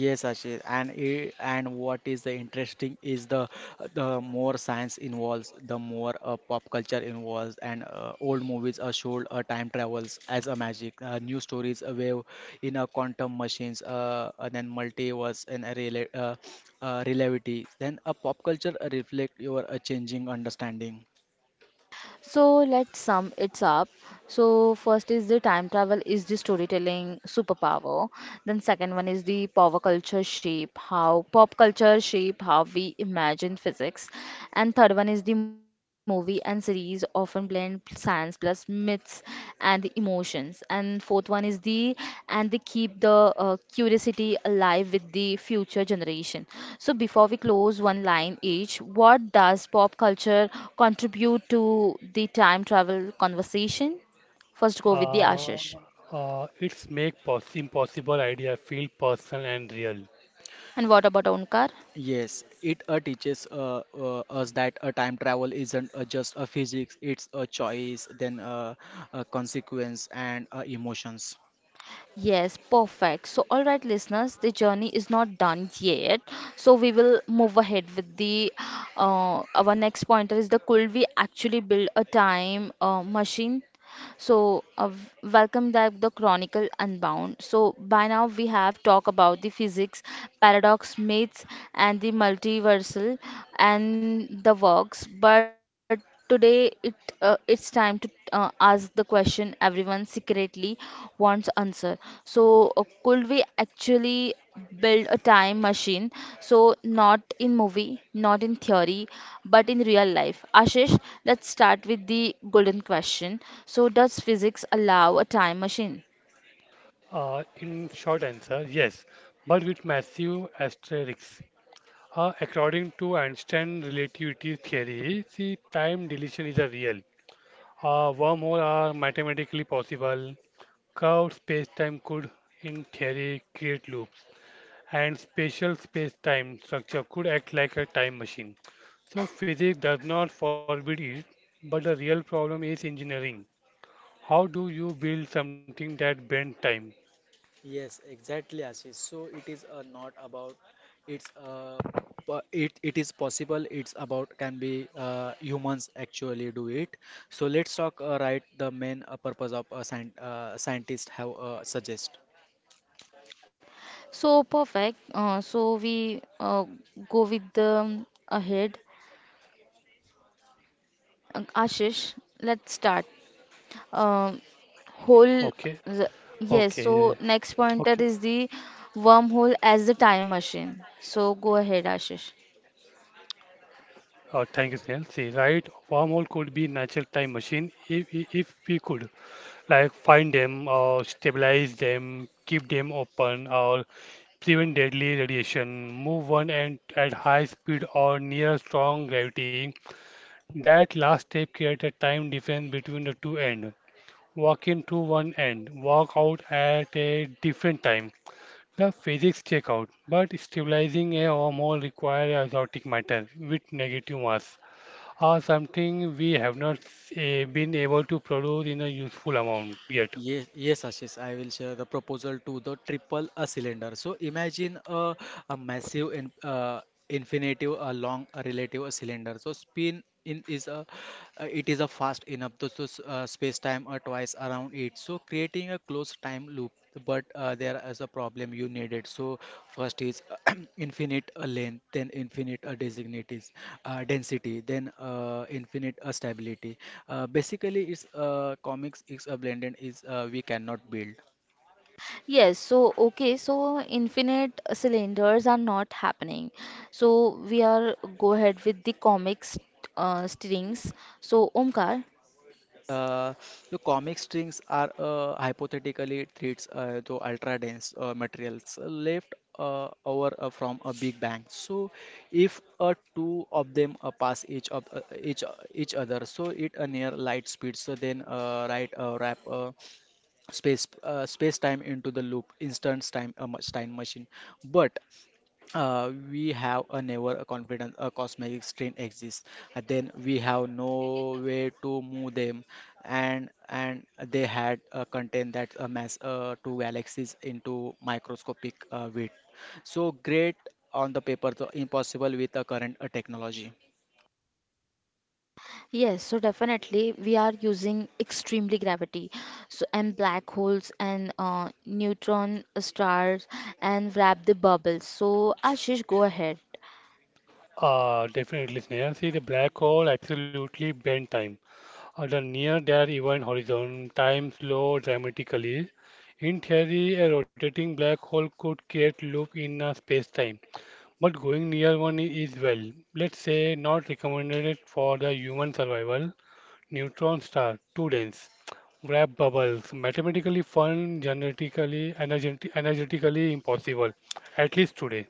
Yes, Ashish, and what is the interesting is the more science involves, the more pop culture involves, and old movies are showed time travels as a magic, new stories a wave in a quantum machines, and then multiverse and a relativity. Then a pop culture reflect your changing understanding.
So let's sum it up. So first is the time travel is the storytelling superpower. Then second one is the power culture shape, how pop culture shape how we imagine physics. And third one is the movie and series often blend science plus myths and the emotions. And fourth one is the and they keep the curiosity alive with the future generation. So before we close, one line each, what does pop culture contribute to the time travel conversation? First go with the
Uh,
Ashish.
it's make pos impossible idea feel personal and real.
And what about Onkar?
Yes, it teaches us that time travel isn't just a physics. It's a choice, then a consequence, and emotions.
Yes, perfect. So, all right, listeners, the journey is not done yet. So, we will move ahead with the our next pointer is the could we actually build a time machine? So, welcome back the Chronicle Unbound. So, by now we have talked about the physics, paradox, myths, and the multiversal and the works. But today it's time to ask the question everyone secretly wants answer. So, could we actually build a time machine. So, not in movie, not in theory, but in real life. Ashish, let's start with the golden question. So, does physics allow a time machine?
In short answer, yes, but with massive asterisks. According to Einstein relativity theory, see time dilation is a real. Wormholes are mathematically possible. Curved spacetime could, in theory, create loops, and spatial spacetime structure could act like a time machine. So, physics does not forbid it, but the real problem is engineering. How do you build something that bends time?
Yes, exactly, Ashish. So it is not about it's uh, it is possible. It's about can be humans actually do it. So let's talk right the main purpose of scientists have suggest.
So, perfect. So, we go with the ahead. Ashish, let's start. Um,
Okay,
whole the-
okay,
yes,
okay.
so next pointer is the wormhole as the time machine, so go ahead, Ashish.
Thank you, Snell. See, right, wormhole could be natural time machine if we could, like find them or stabilize them, keep them open or prevent deadly radiation, move one end at high speed or near strong gravity. That last step creates a time difference between the two ends. Walk in to one end, walk out at a different time. The physics check out, but stabilizing a wormhole requires azotic matter with negative mass, or something we have not been able to produce in a useful amount yet.
Yes, yes, Ashish. I will share the proposal to the triple a cylinder. So imagine a massive infinitive, a long a relative a cylinder. So spin in is a, it is a fast enough to so, space time or twice around it. So creating a closed time loop. But there is a problem you need it. So first is infinite length, then infinite designities density, then infinite stability. Basically it's comics is a blended is, we cannot build.
Yes, so okay, so infinite cylinders are not happening. So we are go ahead with the comics strings. So Omkar,
Uh, the comic strings are hypothetically threads, though ultra dense materials left over from a big bang. So, if two of them pass each of each other, so it near light speed. So then, right wrap space space time into the loop, instance time time machine. But we have a never a confidence a cosmetic strain exists. Then we have no way to move them, and they had a content that mass two galaxies into microscopic width. So great on the paper, so impossible with the current technology.
yes, so definitely we are using extremely gravity. So and black holes and neutron stars and wrap the bubbles. So Ashish, go ahead.
Definitely, Sneha. See, the black hole absolutely bend time. At the near their event horizon, time slow dramatically. In theory, a rotating black hole could create loop in a space-time, but going near one is, well, let's say, not recommended for the human survival. Neutron star, too dense. Wrap bubbles, mathematically fun, genetically, energetically impossible, at least today.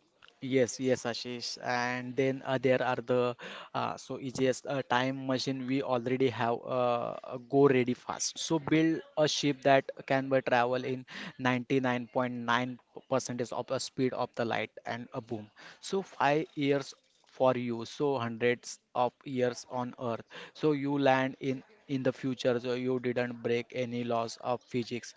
Yes, yes, Ashish. And then there are the, so it's just a time machine we already have, go ready fast. So build a ship that can be travel in 99.9% of the speed of the light and a boom. So 5 years for you, so hundreds of years on earth. So you land in the future. So you didn't break any laws of physics.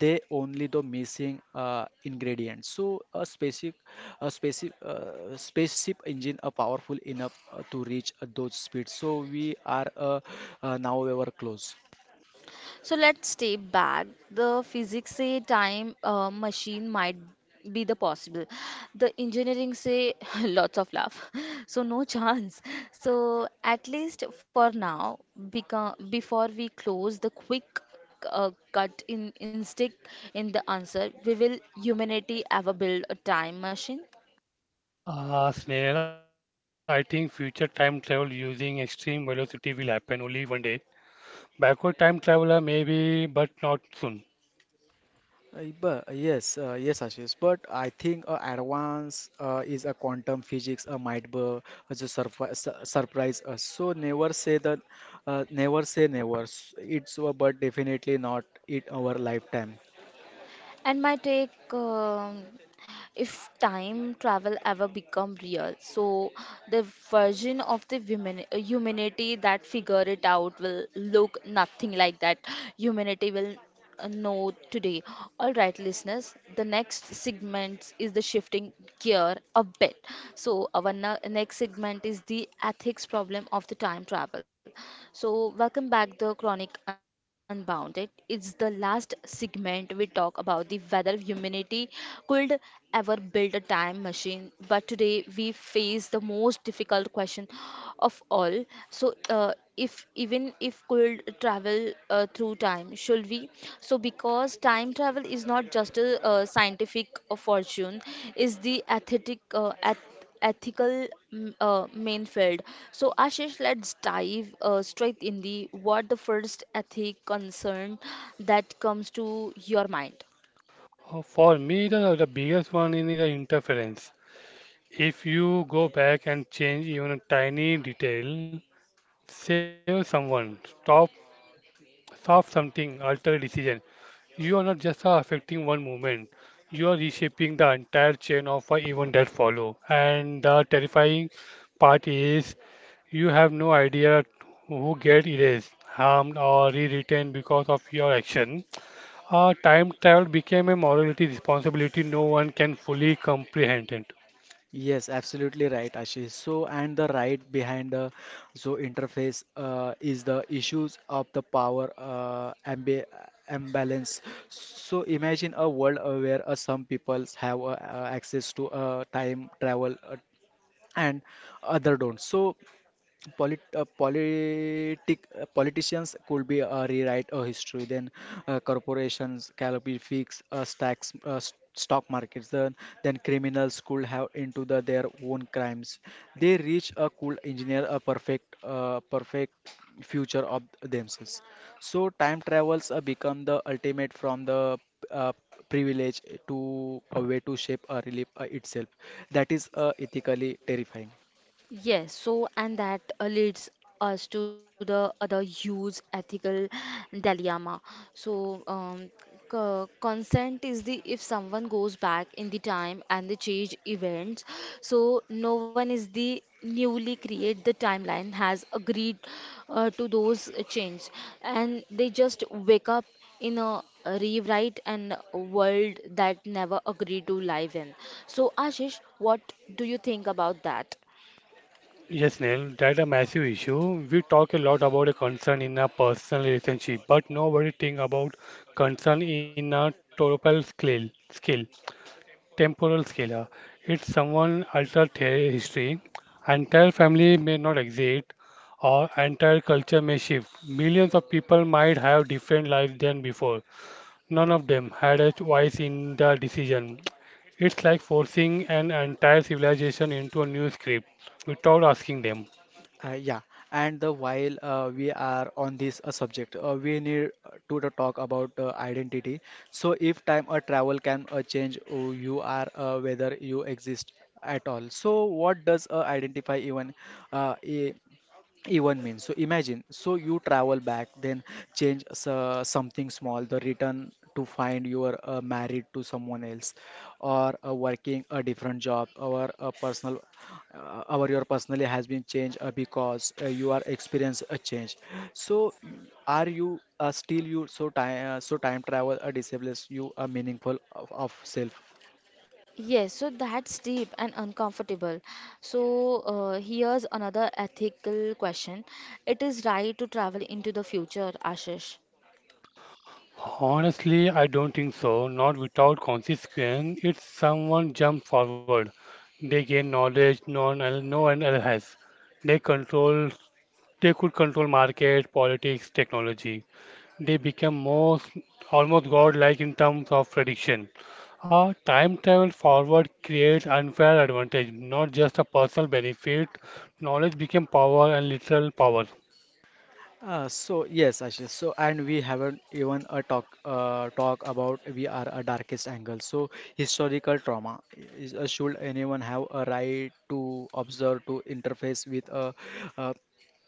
They only the missing ingredients, so a specific a specific spaceship engine are powerful enough to reach those speeds. So we are now ever close.
So let's step back. The physics say time machine might be the possible. The engineering say lots of love. So no chance. So at least for now, because before we close the quick cut in instinct in the answer, we will humanity ever build a time machine?
Ah, Snehal, I think future time travel using extreme velocity will happen only one day. Backward time traveler maybe, but not soon.
Yes, Ashish. But I think advance is a quantum physics might be just surprise us. So never say that, never say never. It's but definitely not in our lifetime.
And my take. If time travel ever become real, so the version of the humanity that figure it out will look nothing like that humanity will know today. All right, listeners, the next segment is the shifting gear a bit. So our next segment is the ethics problem of the time travel. So welcome back the Chronic Unbounded. It's the last segment we talk about the whether humanity could ever built a time machine, but today we face the most difficult question of all. So, if even if could travel through time, should we? So, because time travel is not just a scientific fortune, is the aesthetic ethical main field. So Ashish, let's dive straight in the what the first ethic concern that comes to your mind.
For me, the biggest one is the interference. If you go back and change even a tiny detail, save someone, stop, stop something, alter decision, you are not just affecting one movement, you are reshaping the entire chain of events that follow. And the terrifying part is you have no idea who get erased, harmed, or rewritten because of your action. Time travel became a morality responsibility no one can fully comprehend it.
Yes, absolutely right, Ashish. So, and the right behind the so interface is the issues of the power ambi imbalance. So, imagine a world where some peoples have access to time travel, and other don't. So politicians could be rewrite a history, then corporations can be fix stock markets, then criminals could have into the their own crimes. They reach a cool engineer a perfect future of themselves. So time travels become the ultimate from the uh, privilege to a way to shape a relief itself. That is ethically terrifying.
Yes, so and that leads us to the other huge ethical dilemma. So, consent is the if someone goes back in the time and the change events, so no one is the newly create the timeline has agreed to those change, and they just wake up in a rewrite and world that never agreed to live in. So, Ashish, what do you think about that?
Yes, Neil, that's a massive issue. We talk a lot about a concern in a personal relationship, but nobody think about concern in a total scale. Scale. Temporal scalar. It's someone alters their history, entire family may not exist or entire culture may shift. Millions of people might have different lives than before. None of them had a voice in the decision. It's like forcing an entire civilization into a new script without asking them.
Yeah, and the while we are on this subject, we need to the talk about identity. So, if time or travel can change who you are, whether you exist at all. So, what does identify even uh, i- even means. So imagine, so you travel back, then change something small, the return to find you are married to someone else, or working a different job, or a personal, or your personally has been changed because you are experience a change. So are you still you? So time travel a discipline you a meaningful of self.
Yes, so that's deep and uncomfortable. So, here's another ethical question. It is right to travel into the future, Ashish.
Honestly, I don't think so. Not without consequence. It's someone jump forward, they gain knowledge no one else has. They control They could control market, politics, technology. They became most almost godlike in terms of prediction. A time travel forward creates unfair advantage, not just a personal benefit. Knowledge became power and literal power.
So yes, Ashish. So and we haven't even a talk talk about we are a darkest angle. So historical trauma is, should anyone have a right to observe to interface with a uh,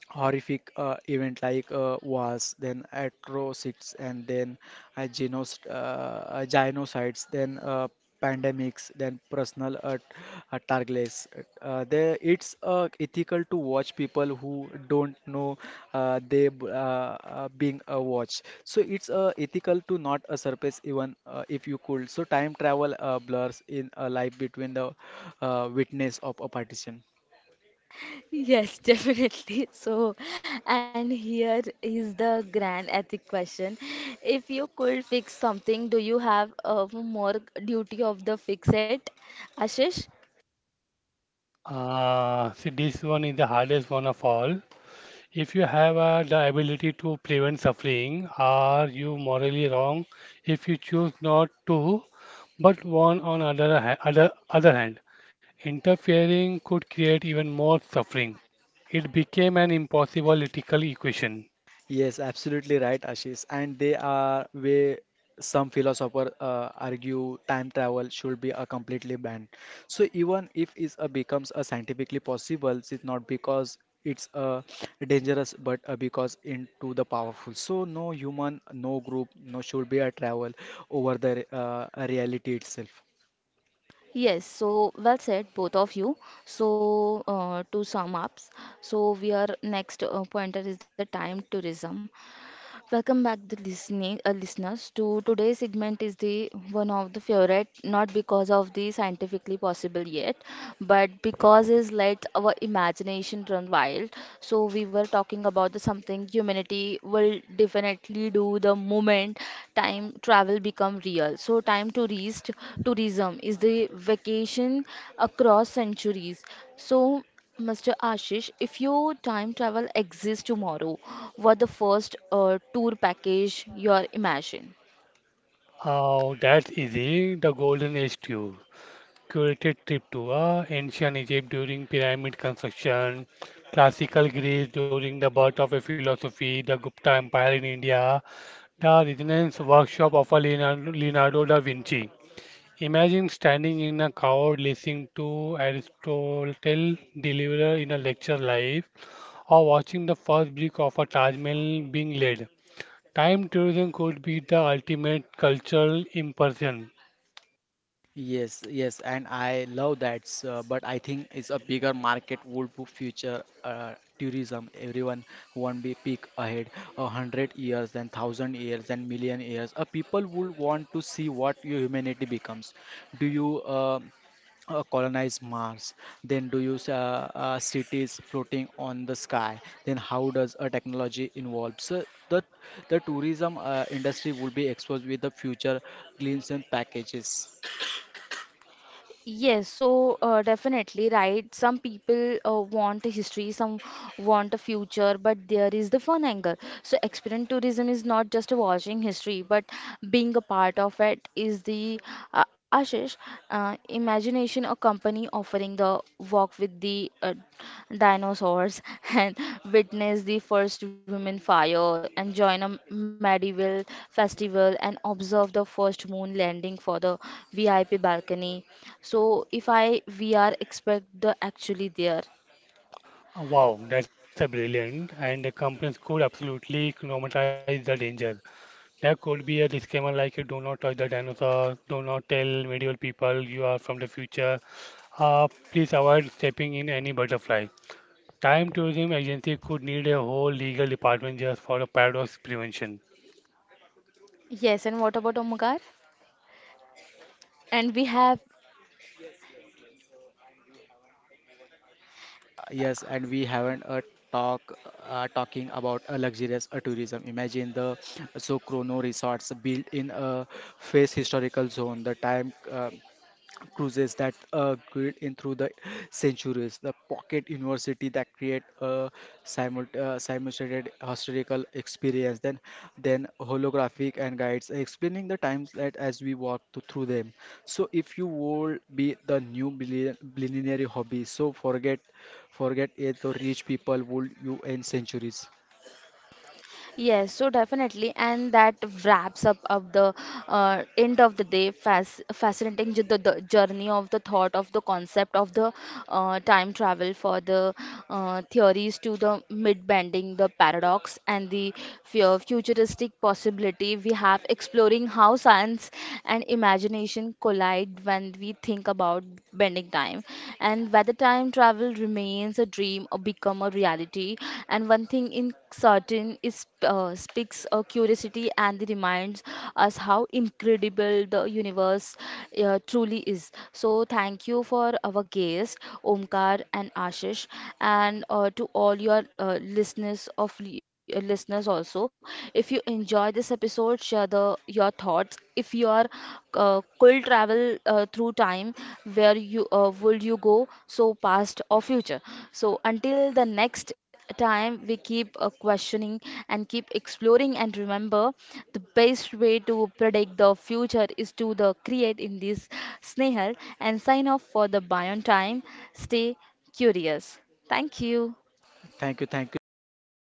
horrific event like wars, then atrocities, and then genos genocides, then pandemics, then personal targets. There, it's ethical to watch people who don't know they being watched. So it's ethical to not surface even if you could. So time travel blurs in a life between the witness of a partition.
Yes, definitely. So, and here is the grand ethic question. If you could fix something, do you have a more duty of the fix it, Ashish?
Ah, see, this one is the hardest one of all. If you have the ability to prevent suffering, are you morally wrong if you choose not to? But one on other ha- other other hand, interfering could create even more suffering. It became an impossible ethical equation.
Yes, absolutely right, Ashish. And they are where some philosophers argue time travel should be a completely banned. So even if it becomes a scientifically possible, it's not because it's dangerous, but because into the powerful. So no human, no group, no should be a travel over the reality itself.
Yes, so well said, both of you. So, to sum up, so we are next pointer is the time tourism. Welcome back, the listening listeners. To today's segment is the one of the favorite, not because of the scientifically possible yet, but because is let our imagination run wild. So we were talking about the something humanity will definitely do the moment time travel become real. So time tourist tourism is the vacation across centuries. So Mr. Ashish, if your time travel exists tomorrow, what the first tour package you are imagine?
Oh, that's easy. The Golden Age tour, curated trip to ancient Egypt during pyramid construction, classical Greece during the birth of a philosophy, the Gupta Empire in India, the Renaissance workshop of a Leonardo da Vinci. Imagine standing in a crowd listening to Aristotle deliver in a lecture live or watching the first brick of a Taj Mahal being laid. Time tourism could be the ultimate cultural immersion.
Yes, yes, and I love that, sir, but I think it's a bigger market would be future tourism. Everyone want be peak ahead 100 years, then 1,000 years, then 1,000,000 years. People would want to see what your humanity becomes. Do you colonize Mars? Then do you cities floating on the sky? Then how does a technology involve? So the tourism industry will be exposed with the future glimpse and packages.
Yes, so definitely right. Some people want a history, some want a future, but there is the fun angle. So experience tourism is not just watching history, but being a part of it is the Ashish imagination. A company offering the walk with the dinosaurs and witness the first women fire and join a medieval festival and observe the first moon landing for the VIP balcony. So if I VR expect the actually there.
Wow, that's a brilliant and the companies could absolutely normalize the danger. There could be a disclaimer like do not touch the dinosaurs, do not tell medieval people you are from the future. Please avoid stepping in any butterfly. Time tourism agency could need a whole legal department just for a paradox prevention.
Yes, and what about Omkar? And we have.
Yes, and we haven't a talk talking about a luxurious tourism. Imagine the so chrono resorts built in a face historical zone. The time. Cruises that grid in through the centuries, the pocket university that create a simulated historical experience, then holographic and guides explaining the times that as we walk through them. So if you would be the new billionaire hobby, so forget it, the rich people would you in centuries.
Yes, so definitely, and that wraps up of the end of the day. Fascinating the journey of the thought of the concept of the time travel for the theories to the mid bending, the paradox, and the futuristic possibility we have exploring how science and imagination collide when we think about bending time. And whether time travel remains a dream or become a reality. And one thing in certain is speaks a curiosity and reminds us how incredible the universe truly is. So thank you for our guest Omkar and Ashish, and to all your listeners also. If you enjoy this episode, share the your thoughts. If you are could travel through time, where you would you go? So past or future. So until the next time, we keep questioning and keep exploring and remember the best way to predict the future is to the create in this. Snehal and sign off for the Bayon time. Stay curious. Thank you.
Thank you so
Thank
much.
you, Sneha.